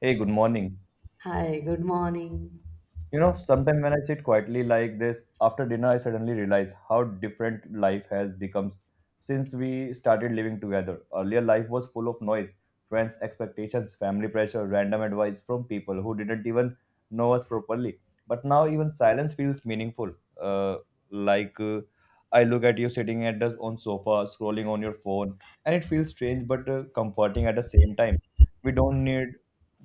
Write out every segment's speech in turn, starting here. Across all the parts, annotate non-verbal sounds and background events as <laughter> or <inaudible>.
Hey, good morning. Hi, good morning. You know, sometimes when I sit quietly like this after dinner, I suddenly realize how different life has become since we started living together. Earlier, life was full of noise, friends, expectations, family pressure, random advice from people who didn't even know us properly. But now, even silence feels meaningful. Uh, like uh, I look at you sitting at the on sofa, scrolling on your phone, and it feels strange but comforting at the same time. We don't need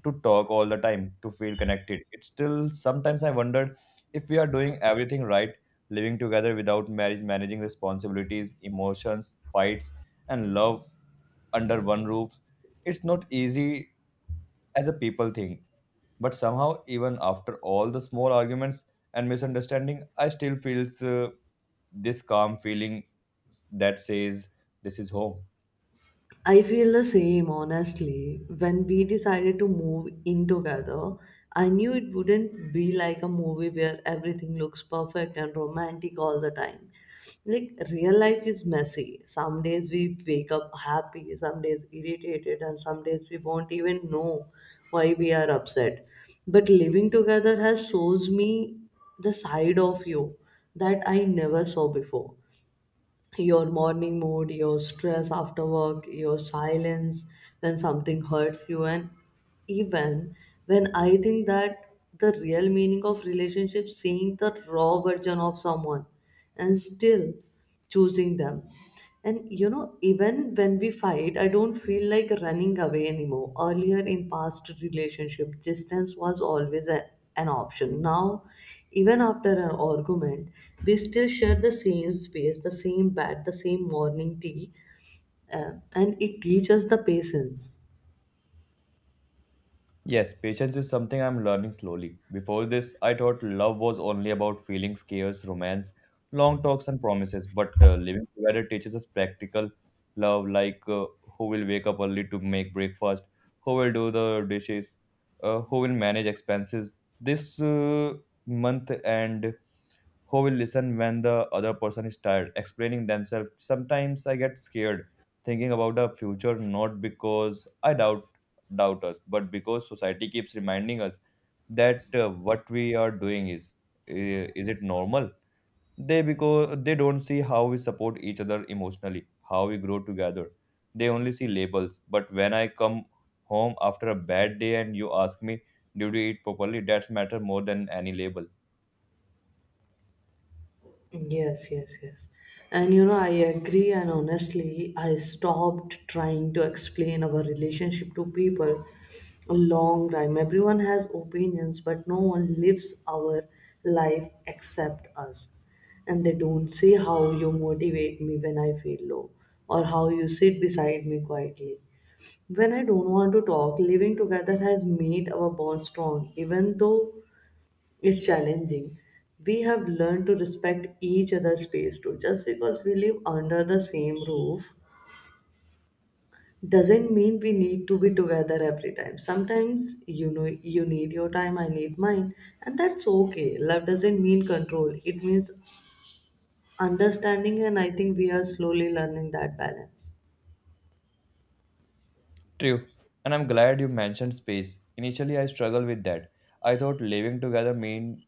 to talk all the time to feel connected. It's still sometimes I wondered if we are doing everything right, living together without marriage, managing responsibilities, emotions, fights, and love under one roof. It's not easy as a people thing, but somehow even after all the small arguments and misunderstanding, I still feels this calm feeling that says this is home. I feel the same, honestly. When we decided to move in together, I knew it wouldn't be like a movie where everything looks perfect and romantic all the time. Like, real life is messy. Some days we wake up happy, some days irritated, and some days we won't even know why we are upset. But living together has shows me the side of you that I never saw before your morning mood, your stress after work, your silence when something hurts you, and even when I think that the real meaning of relationship seeing the raw version of someone and still choosing them and you know, even when we fight, I don't feel like running away anymore. Earlier in past relationship, distance was always a, an option. Now, even after an argument, we still share the same space, the same bed, the same morning tea, and it teaches the patience. Yes, patience is something I'm learning slowly. Before this, I thought love was only about feelings, chaos, romance, long talks, and promises. But living together teaches us practical love, like who will wake up early to make breakfast, who will do the dishes, who will manage expenses. This month and who will listen when the other person is tired explaining themselves. Sometimes I get scared thinking about the future, not because I doubt us, but because society keeps reminding us that what we are doing is, is it normal? They, because they don't see how we support each other emotionally, how we grow together. They only see labels, but when I come home after a bad day and you ask me, did you eat properly, that's matter more than any label. Yes, yes, yes. And you know, I agree, and honestly, I stopped trying to explain our relationship to people a long time. Everyone has opinions, but no one lives our life except us. And they don't see how you motivate me when I feel low, or how you sit beside me quietly. When I don't want to talk, living together has made our bond strong, even though it's challenging. We have learned to respect each other's space too. Just because we live under the same roof doesn't mean we need to be together every time. Sometimes you know you need your time, I need mine, and that's okay. Love doesn't mean control. It means understanding and I think we are slowly learning that balance. True, and I'm glad you mentioned space. Initially, I struggled with that. I thought living together meant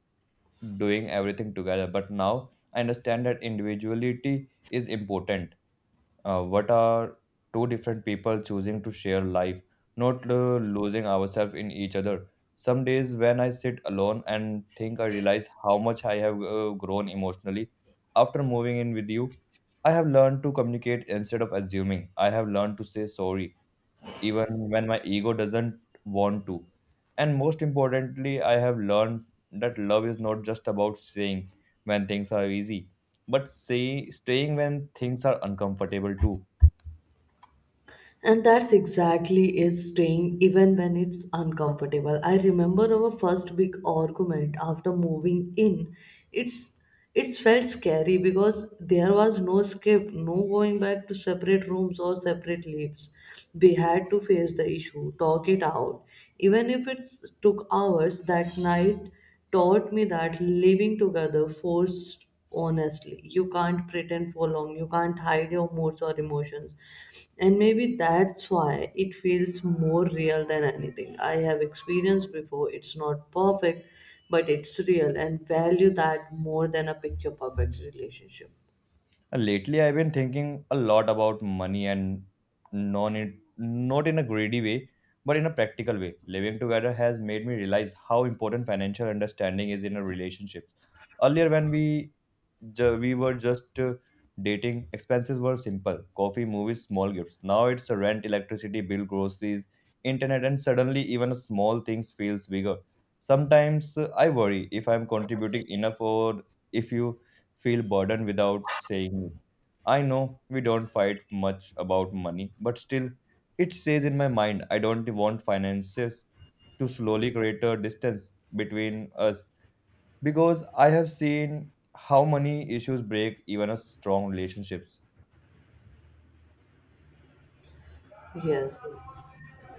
doing everything together, but now I understand that individuality is important. What are two different people choosing to share life, not losing ourselves in each other? Some days when I sit alone and think, I realize how much I have grown emotionally. After moving in with you, I have learned to communicate instead of assuming. I have learned to say sorry even when my ego doesn't want to. And most importantly, I have learned that love is not just about staying when things are easy, but say, staying when things are uncomfortable too. And that's exactly is staying even when it's uncomfortable. I remember our first big argument after moving in. It's it's felt scary because there was no escape, no going back to separate rooms or separate lives. We had to face the issue, talk it out. Even if it took hours, that night taught me that living together forced honestly you can't pretend for long. You can't hide your moods or emotions, and maybe that's why it feels more real than anything I have experienced before. It's not perfect, but it's real and value that more than a picture perfect relationship. And lately, I've been thinking a lot about money and non it not in a greedy way, but in a practical way. Living together has made me realize how important financial understanding is in a relationship. Earlier, when we we were just dating. Expenses were simple: coffee, movies, small gifts. Now it's a rent, electricity bill, groceries, internet, and suddenly even small things feels bigger. Sometimes I worry if I'm contributing enough or if you feel burdened without saying it. I know we don't fight much about money, but still, it stays in my mind. I don't want finances to slowly create a distance between us, because I have seen how money issues break even a strong relationships. Yes.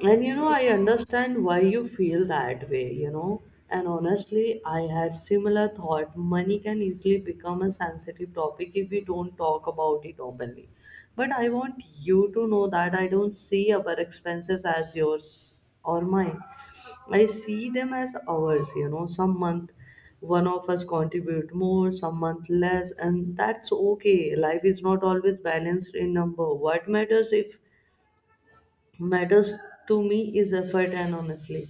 And you know, I understand why you feel that way, you know. And honestly, I had similar thought. Money can easily become a sensitive topic if we don't talk about it openly. But I want you to know that I don't see our expenses as yours or mine. I see them as ours, you know. Some month one of us contribute more, some month less, and that's okay. Life is not always balanced in number. What matters if matters to me is effort and honestly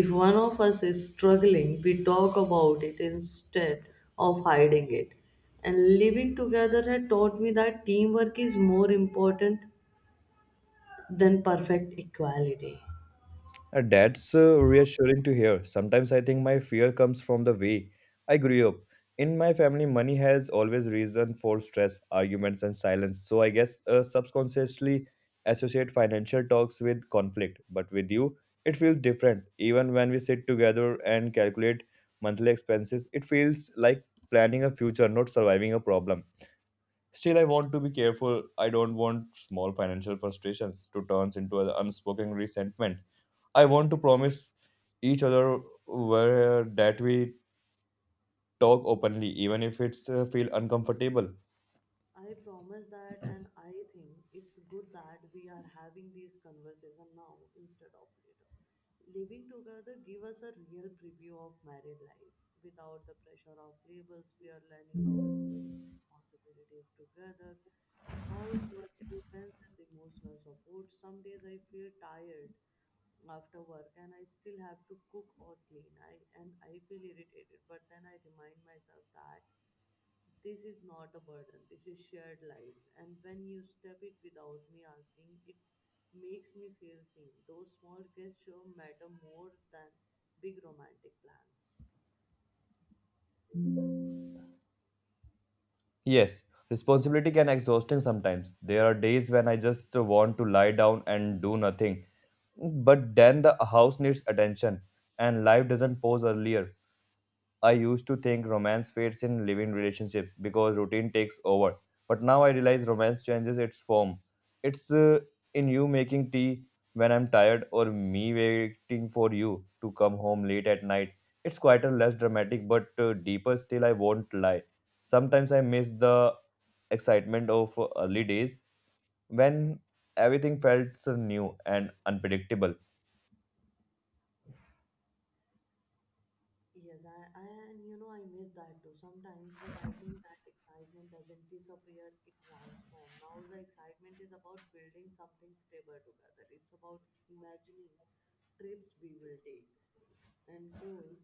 if one of us is struggling we talk about it instead of hiding it. And living together had taught me that teamwork is more important than perfect equality. That's reassuring to hear. Sometimes I think my fear comes from the way I grew up. In my family, money has always reason for stress, arguments, and silence. So I guess subconsciously associate financial talks with conflict. But with you, it feels different. Even when we sit together and calculate monthly expenses, it feels like planning a future, not surviving a problem. Still, I want to be careful. I don't want small financial frustrations to turn into an unspoken resentment. I want to promise each other where that we talk openly, even if it's feel uncomfortable. I promise that, and I think it's good that we are having this conversation now instead of later. Living together give us a real preview of married life without the pressure of labels. We are learning how to manage responsibilities together, housework expenses, emotional support. Some days I feel tired after work and I still have to cook or clean. I feel irritated, but then I remind myself that this is not a burden, this is shared life. And when you step it without me asking, it makes me feel seen. Those small gestures matter more than big romantic plans. Yes, responsibility can exhausting sometimes. There are days when I just want to lie down and do nothing. But then the house needs attention, and life doesn't pause earlier. I used to think romance fades in living relationships because routine takes over. But now I realize romance changes its form. It's in you making tea when I'm tired, or me waiting for you to come home late at night. It's quieter, less dramatic, but deeper. Still, I won't lie. Sometimes I miss the excitement of early days when everything felt so new and unpredictable. Yes, I and you know I miss that too sometimes, but I think that excitement doesn't disappear, it transforms. Now the excitement is about building something stable together. It's about imagining trips we will take and goals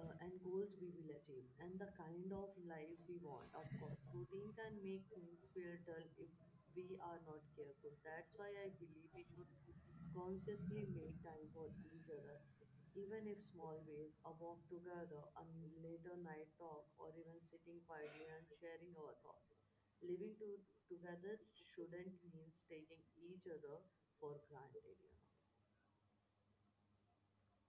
and goals we will achieve and the kind of life we want. Of course routine can make things feel dull if we are not careful. That's why I believe we should consciously make time for each other, even if small ways, a walk together, a later night talk, or even sitting quietly and sharing our thoughts. Living together shouldn't mean taking each other for granted, you know.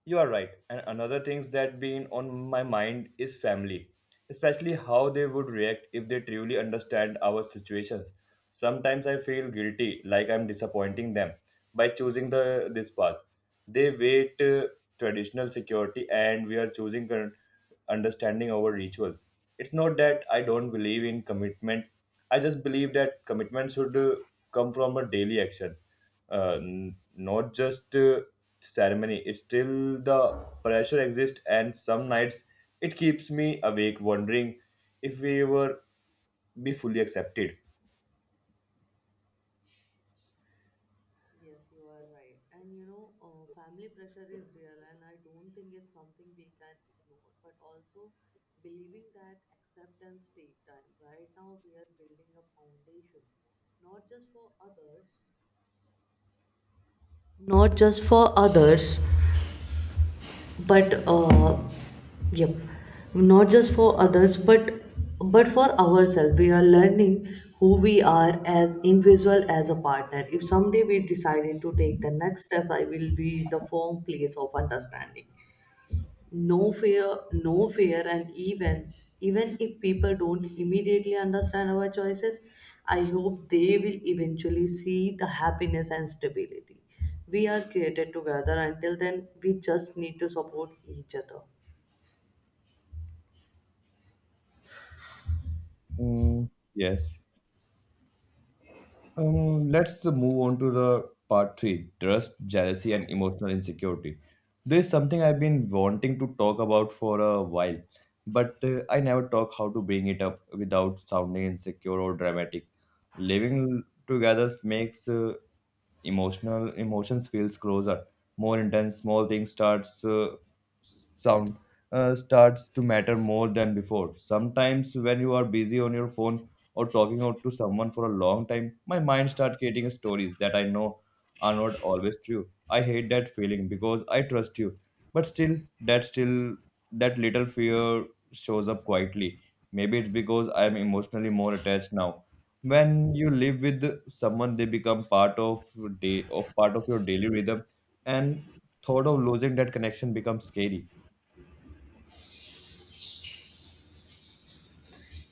You are right. And another things that been on my mind is family, especially how they would react if they truly understand our situations. Sometimes I feel guilty, like I'm disappointing them by choosing the this path. They wait traditional security, and we are choosing current understanding over rituals. It's not that I don't believe in commitment. I just believe that commitment should come from a daily action, not just ceremony. It's still the pressure exists, and some nights it keeps me awake wondering if we were be fully accepted. Yes, you are right. And you know, family pressure is real, and I don't think it's something we can ignore. But also, believing that acceptance take time. Right now, we are building a foundation, not just for others, not just for others, but yep not just for others but for ourselves. We are learning who we are as individual as a partner. If someday we decided to take the next step I will be the firm place of understanding. No fear. And even if people don't immediately understand our choices, I hope they will eventually see the happiness and stability we are created together. Until then we just need to support each other. Mm, yes. Let's move on to the part three: trust, jealousy, and emotional insecurity. This is something I've been wanting to talk about for a while, but I never talk how to bring it up without sounding insecure or dramatic. Living together makes emotional emotions feels closer, more intense. Small things sound starts to matter more than before. Sometimes when you are busy on your phone or talking out to someone for a long time, my mind starts creating stories that I know are not always true. I hate that feeling because I trust you, but still that little fear shows up quietly. Maybe it's because I am emotionally more attached now. When you live with someone, they become part of your daily rhythm, and thought of losing that connection becomes scary.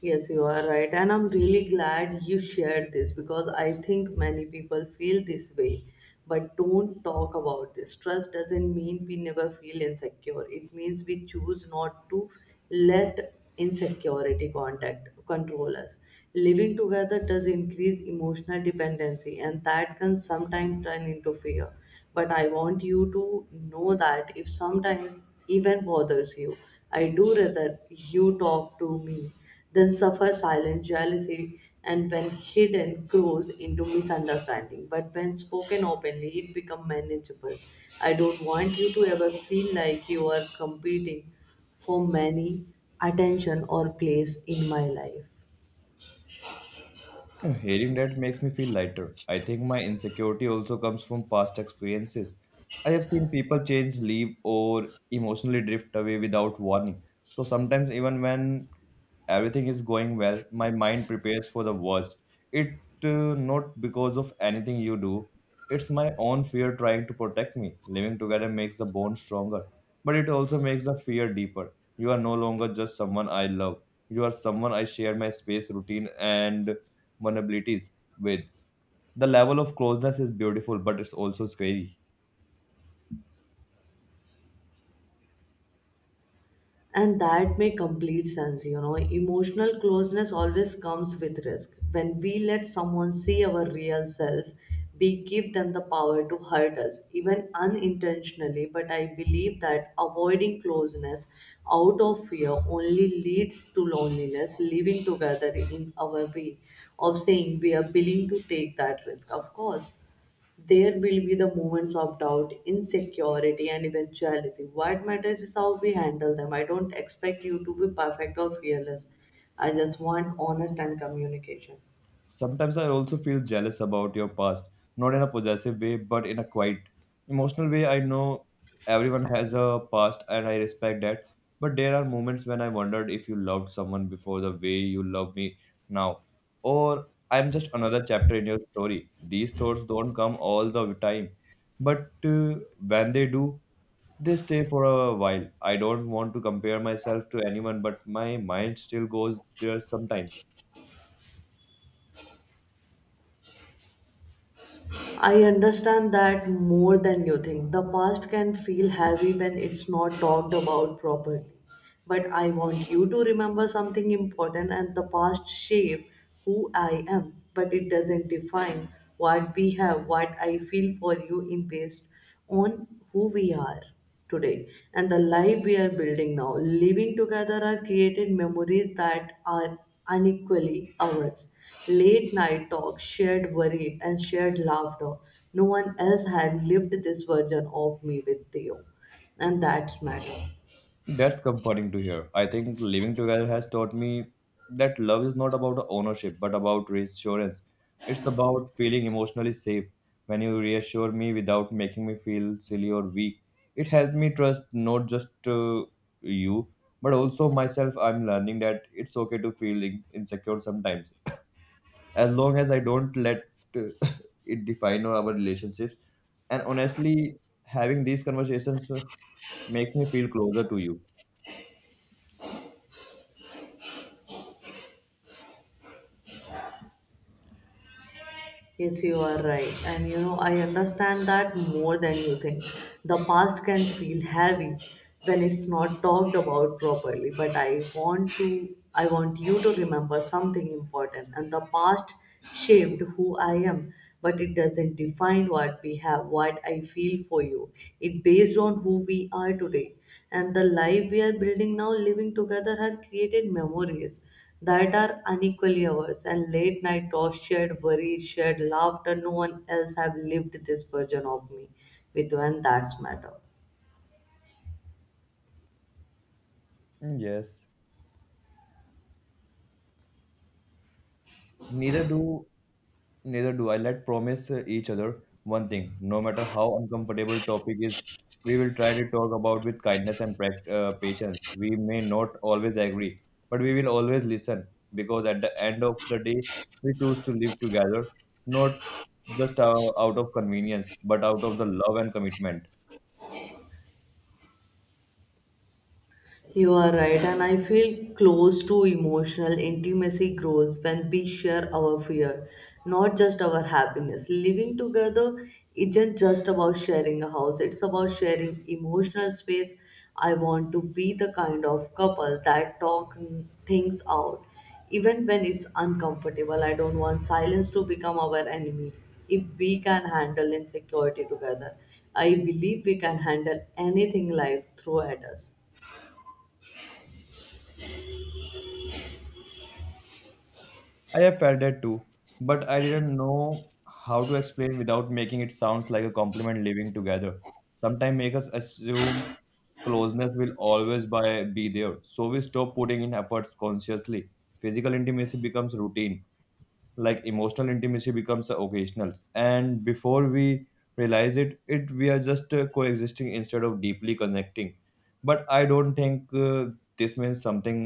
Yes, you are right. And I'm really glad you shared this because I think many people feel this way but don't talk about this. Trust doesn't mean we never feel insecure, it means we choose not to let insecurity contact control us. Living together does increase emotional dependency, and that can sometimes turn into fear. But I want you to know that if sometimes even bothers you, I do rather you talk to me then suffer silent jealousy, and when hidden, grows into misunderstanding. But when spoken openly, it becomes manageable. I don't want you to ever feel like you are competing for many attention or place in my life. Hearing that makes me feel lighter. I think my insecurity also comes from past experiences. I have seen people change, leave, or emotionally drift away without warning. So sometimes even when everything is going well, my mind prepares for the worst. It not because of anything you do, it's my own fear trying to protect me. Living together makes the bond stronger, but it also makes the fear deeper. You are no longer just someone I love, you are someone I share my space, routine, and vulnerabilities with. The level of closeness is beautiful, but it's also scary. And that make complete sense, you know. Emotional closeness always comes with risk. When we let someone see our real self, we give them the power to hurt us, even unintentionally. But I believe that avoiding closeness out of fear only leads to loneliness. Living together in our way of saying we are willing to take that risk. Of course there will be the moments of doubt, insecurity, and eventuality. What matters is how we handle them. I don't expect you to be perfect or fearless. I just want honest and communication. Sometimes I also feel jealous about your past, not in a possessive way, but in a quiet, emotional way. I know everyone has a past and I respect that, but there are moments when I wondered if you loved someone before the way you love me now, or I'm just another chapter in your story. These thoughts don't come all the time, but when they do, they stay for a while. I don't want to compare myself to anyone, but my mind still goes there sometimes. I understand that more than you think. The past can feel heavy when it's not talked about properly. But I want you to remember something important and the past shaped who I am, but it doesn't define what we have, what I feel for you in past on who we are today and the life we are building now. Living together are created memories that are unequally ours. Late night talks, shared worry, and shared laughter. No one else had lived this version of me with you, and that's matter. That's comforting to hear. I think living together has taught me that love is not about ownership, but about reassurance. It's about feeling emotionally safe. When you reassure me without making me feel silly or weak, it helped me trust not just you, but also myself. I'm learning that it's okay to feel in- insecure sometimes, as long as I don't let uh, <laughs> it define our relationships. And honestly, having these conversations makes me feel closer to you. Yes, you are right. And you know, I understand that more than you think. The past can feel heavy when it's not talked about properly, but I want you to remember something important and the past shaped who I am but it doesn't define what we have what I feel for you. It based on who we are today and the life we are building now. Living together have created memories that are unequally ours and late night talks, shared worries, shared laughter. No one else have lived this version of me with you, and that's matter. Mm, yes. Neither do neither do I. Let promise each other one thing. No matter how uncomfortable topic is, we will try to talk about with kindness and patience. We may not always agree, but we will always listen because at the end of the day, we choose to live together, not just out of convenience, but out of the love and commitment. You are right, and I feel close to emotional intimacy grows when we share our fear, not just our happiness. Living together isn't just about sharing a house, it's about sharing emotional space. I want to be the kind of couple that talk things out, even when it's uncomfortable. I don't want silence to become our enemy. If we can handle insecurity together, I believe we can handle anything life throw at us. I have felt that too, but I didn't know how to explain without making it sounds like a compliment living together. Sometimes make us assume closeness will always by, be there, so we stop putting in efforts consciously. Physical intimacy becomes routine, like emotional intimacy becomes occasional, and before we realize it we are just coexisting instead of deeply connecting. But I don't think this means something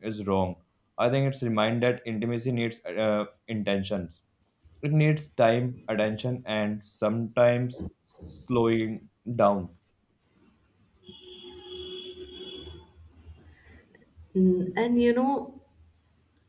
is wrong. I think it's remind that intimacy needs intentions. It needs time, attention, and sometimes slowing down. Mm, and you know,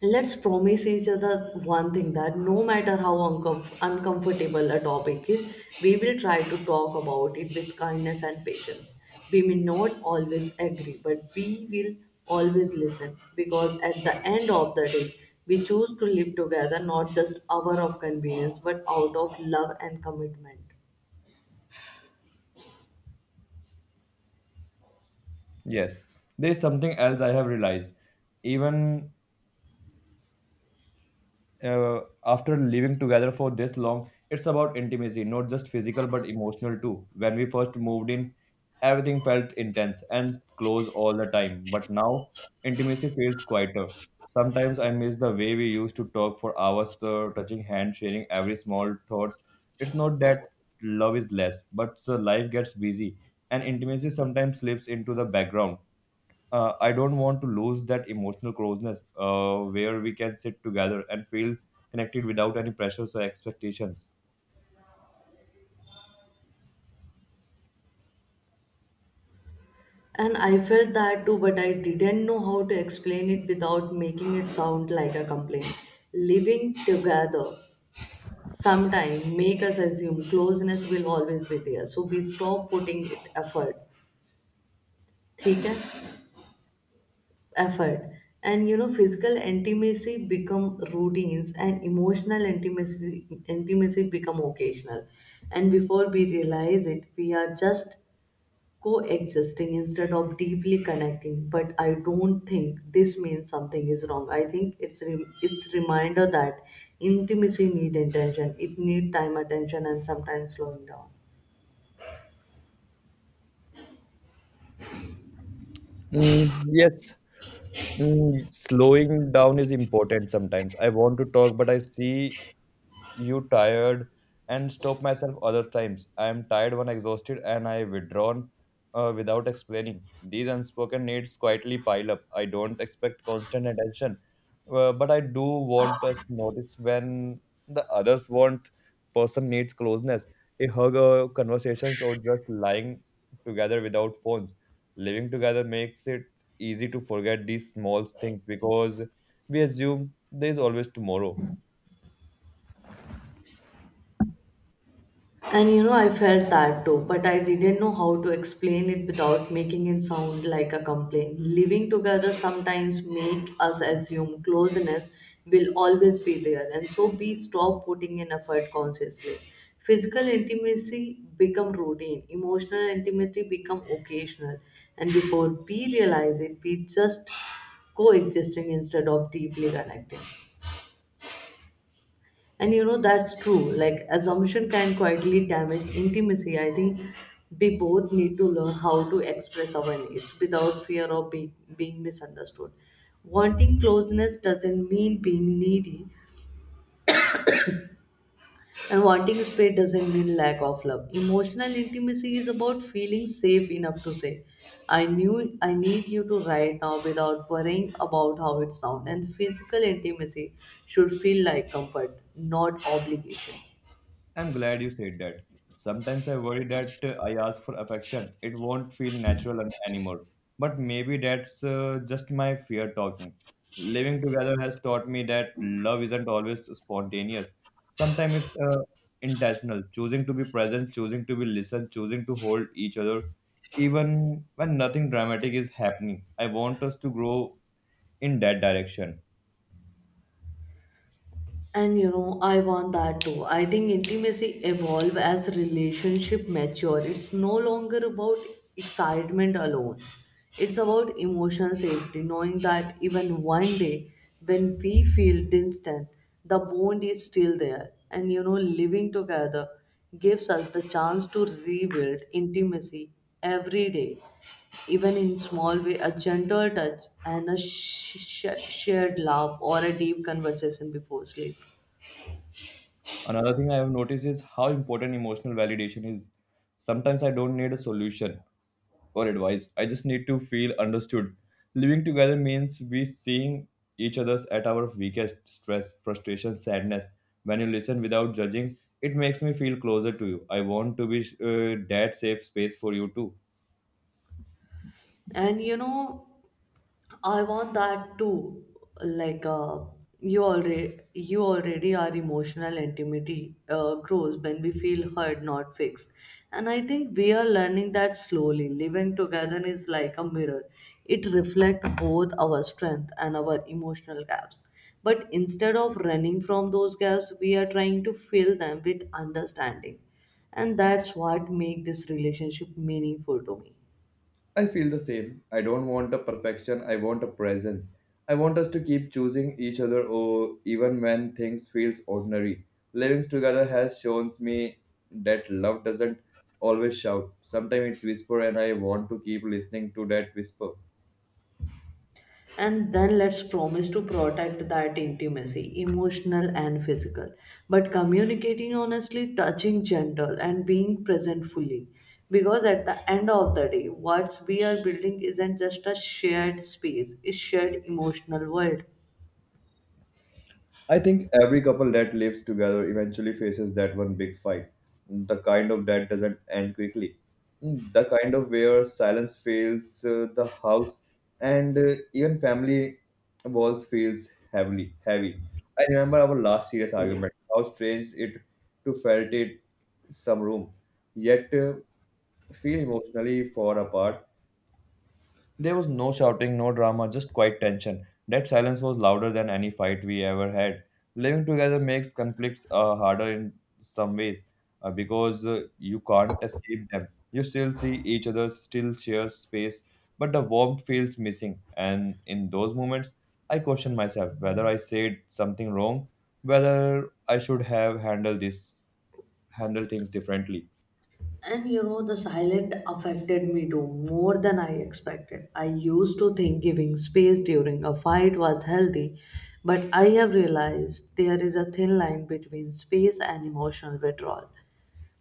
let's promise each other one thing that no matter how uncomfortable a topic is, we will try to talk about it with kindness and patience. We may not always agree, but we will always listen because at the end of the day, we choose to live together not just hour of convenience but out of love and commitment. Yes, there's something else I have realized. Even after living together for this long, it's about intimacy, not just physical but emotional too. When we first moved in, everything felt intense and close all the time, but now intimacy feels quieter. Sometimes I miss the way we used to talk for hours, touching hands, sharing every small thoughts. It's not that love is less, but life gets busy, and intimacy sometimes slips into the background. I don't want to lose that emotional closeness, where we can sit together and feel connected without any pressures or expectations. And I felt that too, but I didn't know how to explain it without making it sound like a complaint. Living together sometime make us assume closeness will always be there. So we stop putting it effort. ठीक है? Effort. And you know, physical intimacy become routines and emotional intimacy become occasional. And before we realize it, we are just coexisting instead of deeply connecting. But I don't think this means something is wrong. I think it's reminder that intimacy need intention. It need time attention and sometimes slowing down. Mm, yes, mm, slowing down is important sometimes. I want to talk, but I see you tired and stop myself other times. I am tired when exhausted and I withdrawn without explaining. These unspoken needs quietly pile up. I don't expect constant attention, but I do want us to notice when the others want person needs closeness. A hug or conversations or just lying together without phones. Living together makes it easy to forget these small things because we assume there is always tomorrow. And you know, I felt that too, but I didn't know how to explain it without making it sound like a complaint. Living together sometimes make us assume closeness will always be there, and so we stop putting in effort consciously. Physical intimacy become routine, emotional intimacy become occasional, and before we realize it, we just coexisting instead of deeply connecting. And that's true. Like, assumption can quietly damage intimacy. I think we both need to learn how to express our needs without fear of being misunderstood. Wanting closeness doesn't mean being needy, and wanting space doesn't mean lack of love. Emotional intimacy is about feeling safe enough to say, I knew I need you to right now without worrying about how it sounds. And physical intimacy should feel like comfort, not obligation. I'm glad you said that. Sometimes I worry that I ask for affection. It won't feel natural anymore. But maybe that's just my fear talking. Living together has taught me that love isn't always spontaneous. Sometimes it's intentional, choosing to be present, choosing to be listened, choosing to hold each other, even when nothing dramatic is happening. I want us to grow in that direction. And I want that too. I think intimacy evolve as relationship mature. It's no longer about excitement alone. It's about emotional safety, knowing that even one day when we feel distant, the bond is still there. And living together gives us the chance to rebuild intimacy every day, even in small way, a gentle touch and a shared laugh or a deep conversation before sleep. Another thing I have noticed is how important emotional validation is. Sometimes I don't need a solution or advice. I just need to feel understood. Living together means we seeing each other's at our weakest stress, frustration, sadness. When you listen without judging, it makes me feel closer to you. I want to be that safe space for you too. And I want that too. Like you already are emotional intimacy grows when we feel heard, not fixed. And I think we are learning that slowly. Living together is like a mirror. It reflects both our strength and our emotional gaps. But instead of running from those gaps, we are trying to fill them with understanding. And that's what makes this relationship meaningful to me. I feel the same. I don't want a perfection, I want a presence. I want us to keep choosing each other or even when things feels ordinary. Living together has shown me that love doesn't always shout. Sometimes it's whisper and I want to keep listening to that whisper. And then let's promise to protect that intimacy, emotional and physical, but communicating honestly, touching gentle, and being present fully, because at the end of the day what we are building isn't just a shared space, it's shared emotional world. I think every couple that lives together eventually faces that one big fight. The kind of that doesn't end quickly. The kind of where silence fills the house and even family walls feels heavily heavy. I remember our last serious argument, how strange it to felt it some room, yet feel emotionally far apart. There was no shouting, no drama, just quiet tension. That silence was louder than any fight we ever had. Living together makes conflicts harder in some ways because you can't escape them. You still see each other, still share space, but the warmth feels missing. And in those moments, I question myself whether I said something wrong, whether I should have handled this, handled things differently. And the silent affected me too, more than I expected. I used to think giving space during a fight was healthy, but I have realized there is a thin line between space and emotional withdrawal.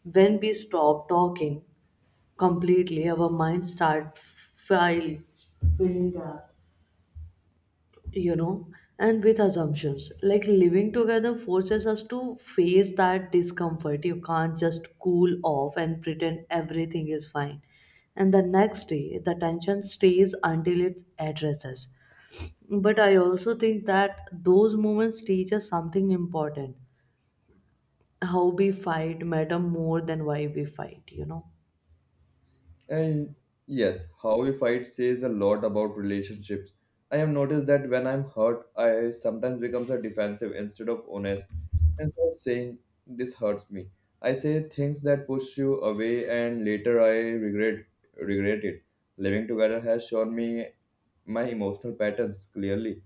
When we stop talking completely, our minds start filling gap, you know, and with assumptions. Like living together forces us to face that discomfort. You can't just cool off and pretend everything is fine. And the next day, the tension stays until it addresses. But I also think that those moments teach us something important. How we fight matter more than why we fight. And yes, how we fight says a lot about relationships. I have noticed that when I'm hurt, I sometimes becomes a defensive instead of honest. Instead of saying this hurts me, I say things that push you away, and later I regret it. Living together has shown me my emotional patterns clearly.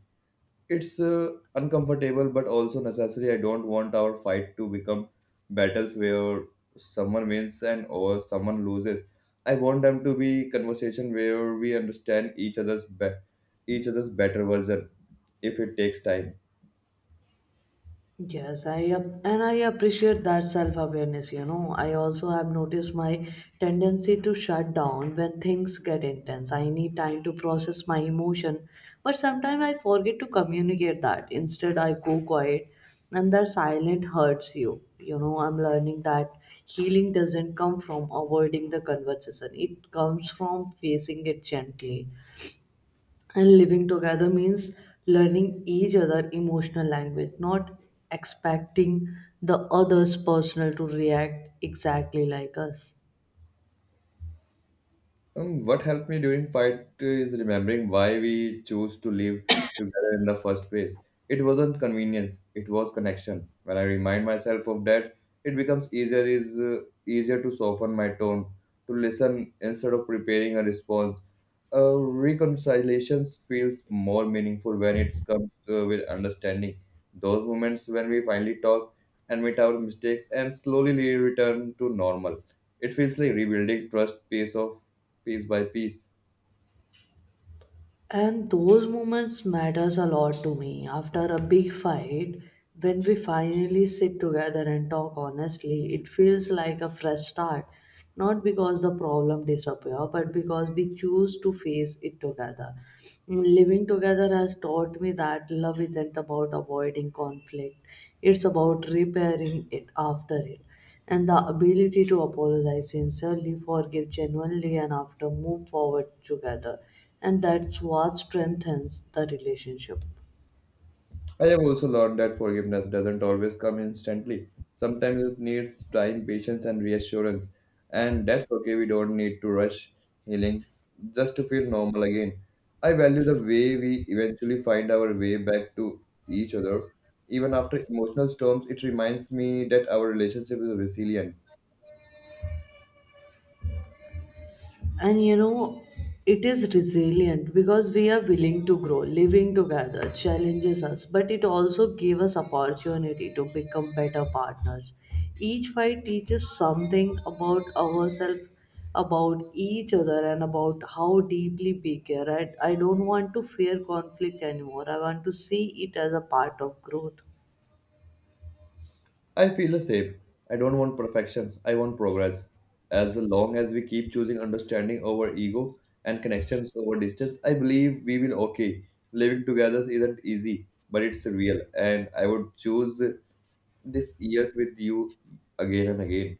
It's uncomfortable but also necessary. I don't want our fight to become battles where someone wins and or someone loses. I want them to be conversation where we understand each other's better version if it takes time. Yes, and I appreciate that self-awareness. I also have noticed my tendency to shut down when things get intense. I need time to process my emotion, but sometimes I forget to communicate that. Instead, I go quiet, and that silent hurts you. I'm learning that healing doesn't come from avoiding the conversation. It comes from facing it gently. And living together means learning each other emotional language, not expecting the other's personal to react exactly like us. What helped me during fight is remembering why we chose to live together in the first place. It wasn't convenience; it was connection. When I remind myself of that, it becomes easier to soften my tone, to listen instead of preparing a response. Reconciliations feels more meaningful when it comes with understanding. Those moments when we finally talk, admit our mistakes, and slowly return to normal. It feels like rebuilding trust piece by piece. And those moments matters a lot to me. After a big fight, when we finally sit together and talk honestly, it feels like a fresh start. Not because the problem disappear, but because we choose to face it together. Living together has taught me that love isn't about avoiding conflict; it's about repairing it after it, and the ability to apologize sincerely, forgive genuinely, and after move forward together. And that's what strengthens the relationship. I have also learned that forgiveness doesn't always come instantly. Sometimes it needs time, patience, and reassurance. And that's okay, we don't need to rush healing just to feel normal again. I value the way we eventually find our way back to each other. Even after emotional storms, it reminds me that our relationship is resilient. And it is resilient because we are willing to grow. Living together challenges us, but it also gave us opportunity to become better partners. Each fight teaches something about ourselves, about each other, and about how deeply we care. I don't want to fear conflict anymore. I want to see it as a part of growth. I feel the same. I don't want perfections, I want progress. As long as we keep choosing understanding over ego and connections over distance, I believe we will okay. Living together isn't easy, but it's real, and I would choose this years with you again and again.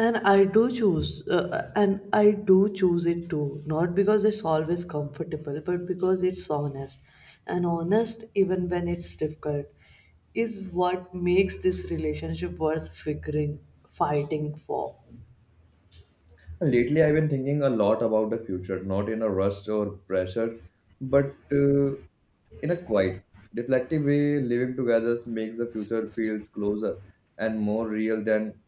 And I do choose and I do choose it too, not because it's always comfortable, but because it's honest, and honest even when it's difficult is what makes this relationship worth figuring fighting for. Lately, I've been thinking a lot about the future, not in a rush or pressure, but in a quiet, reflective way. Living together makes the future feels closer and more real than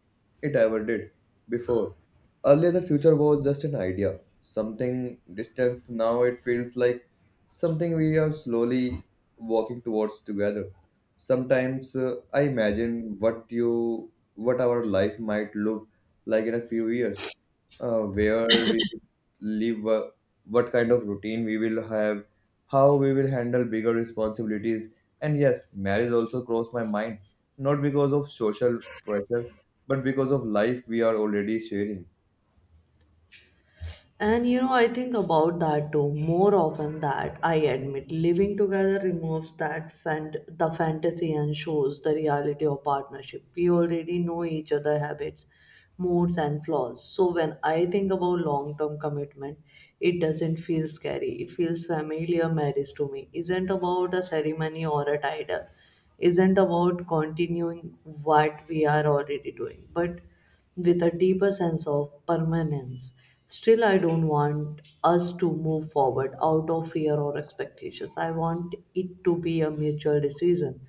it ever did before. Earlier, the future was just an idea, something distant. Now it feels like something we are slowly walking towards together. Sometimes I imagine what our life might look like in a few years, where we live, what kind of routine we will have, how we will handle bigger responsibilities, and yes, marriage also crossed my mind, not because of social pressure, but because of life we are already sharing. And I think about that too, more often that I admit. Living together removes that the fantasy and shows the reality of partnership. We already know each other habits, moods and flaws. So when I think about long-term commitment, it doesn't feel scary. It feels familiar. Marriage to me isn't about a ceremony or a title. Isn't about continuing what we are already doing, but with a deeper sense of permanence. Still, I don't want us to move forward out of fear or expectations. I want it to be a mutual decision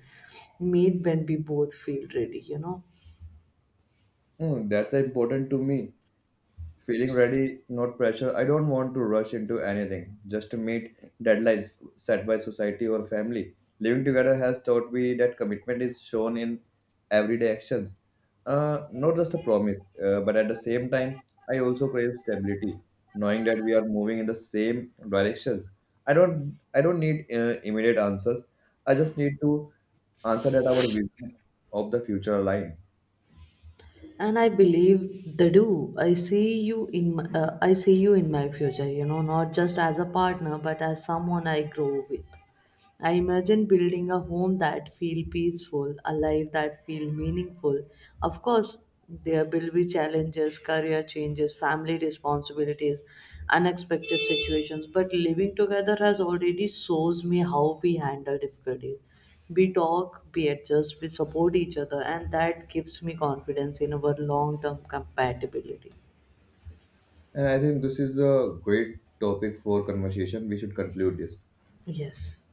made when we both feel ready. Hmm, that's important to me. Feeling ready, not pressure. I don't want to rush into anything just to meet deadlines set by society or family. Living together has taught me that commitment is shown in everyday actions, not just a promise, but at the same time, I also crave stability, knowing that we are moving in the same directions. I don't need immediate answers. I just need to answer that our vision of the future align. And I believe they do. I see you in my future, not just as a partner, but as someone I grow with. I imagine building a home that feel peaceful, a life that feel meaningful. Of course, there will be challenges, career changes, family responsibilities, unexpected situations, but living together has already shows me how we handle difficulties. We talk, we adjust, we support each other, and that gives me confidence in our long-term compatibility. And I think this is a great topic for conversation. We should conclude this. Yes.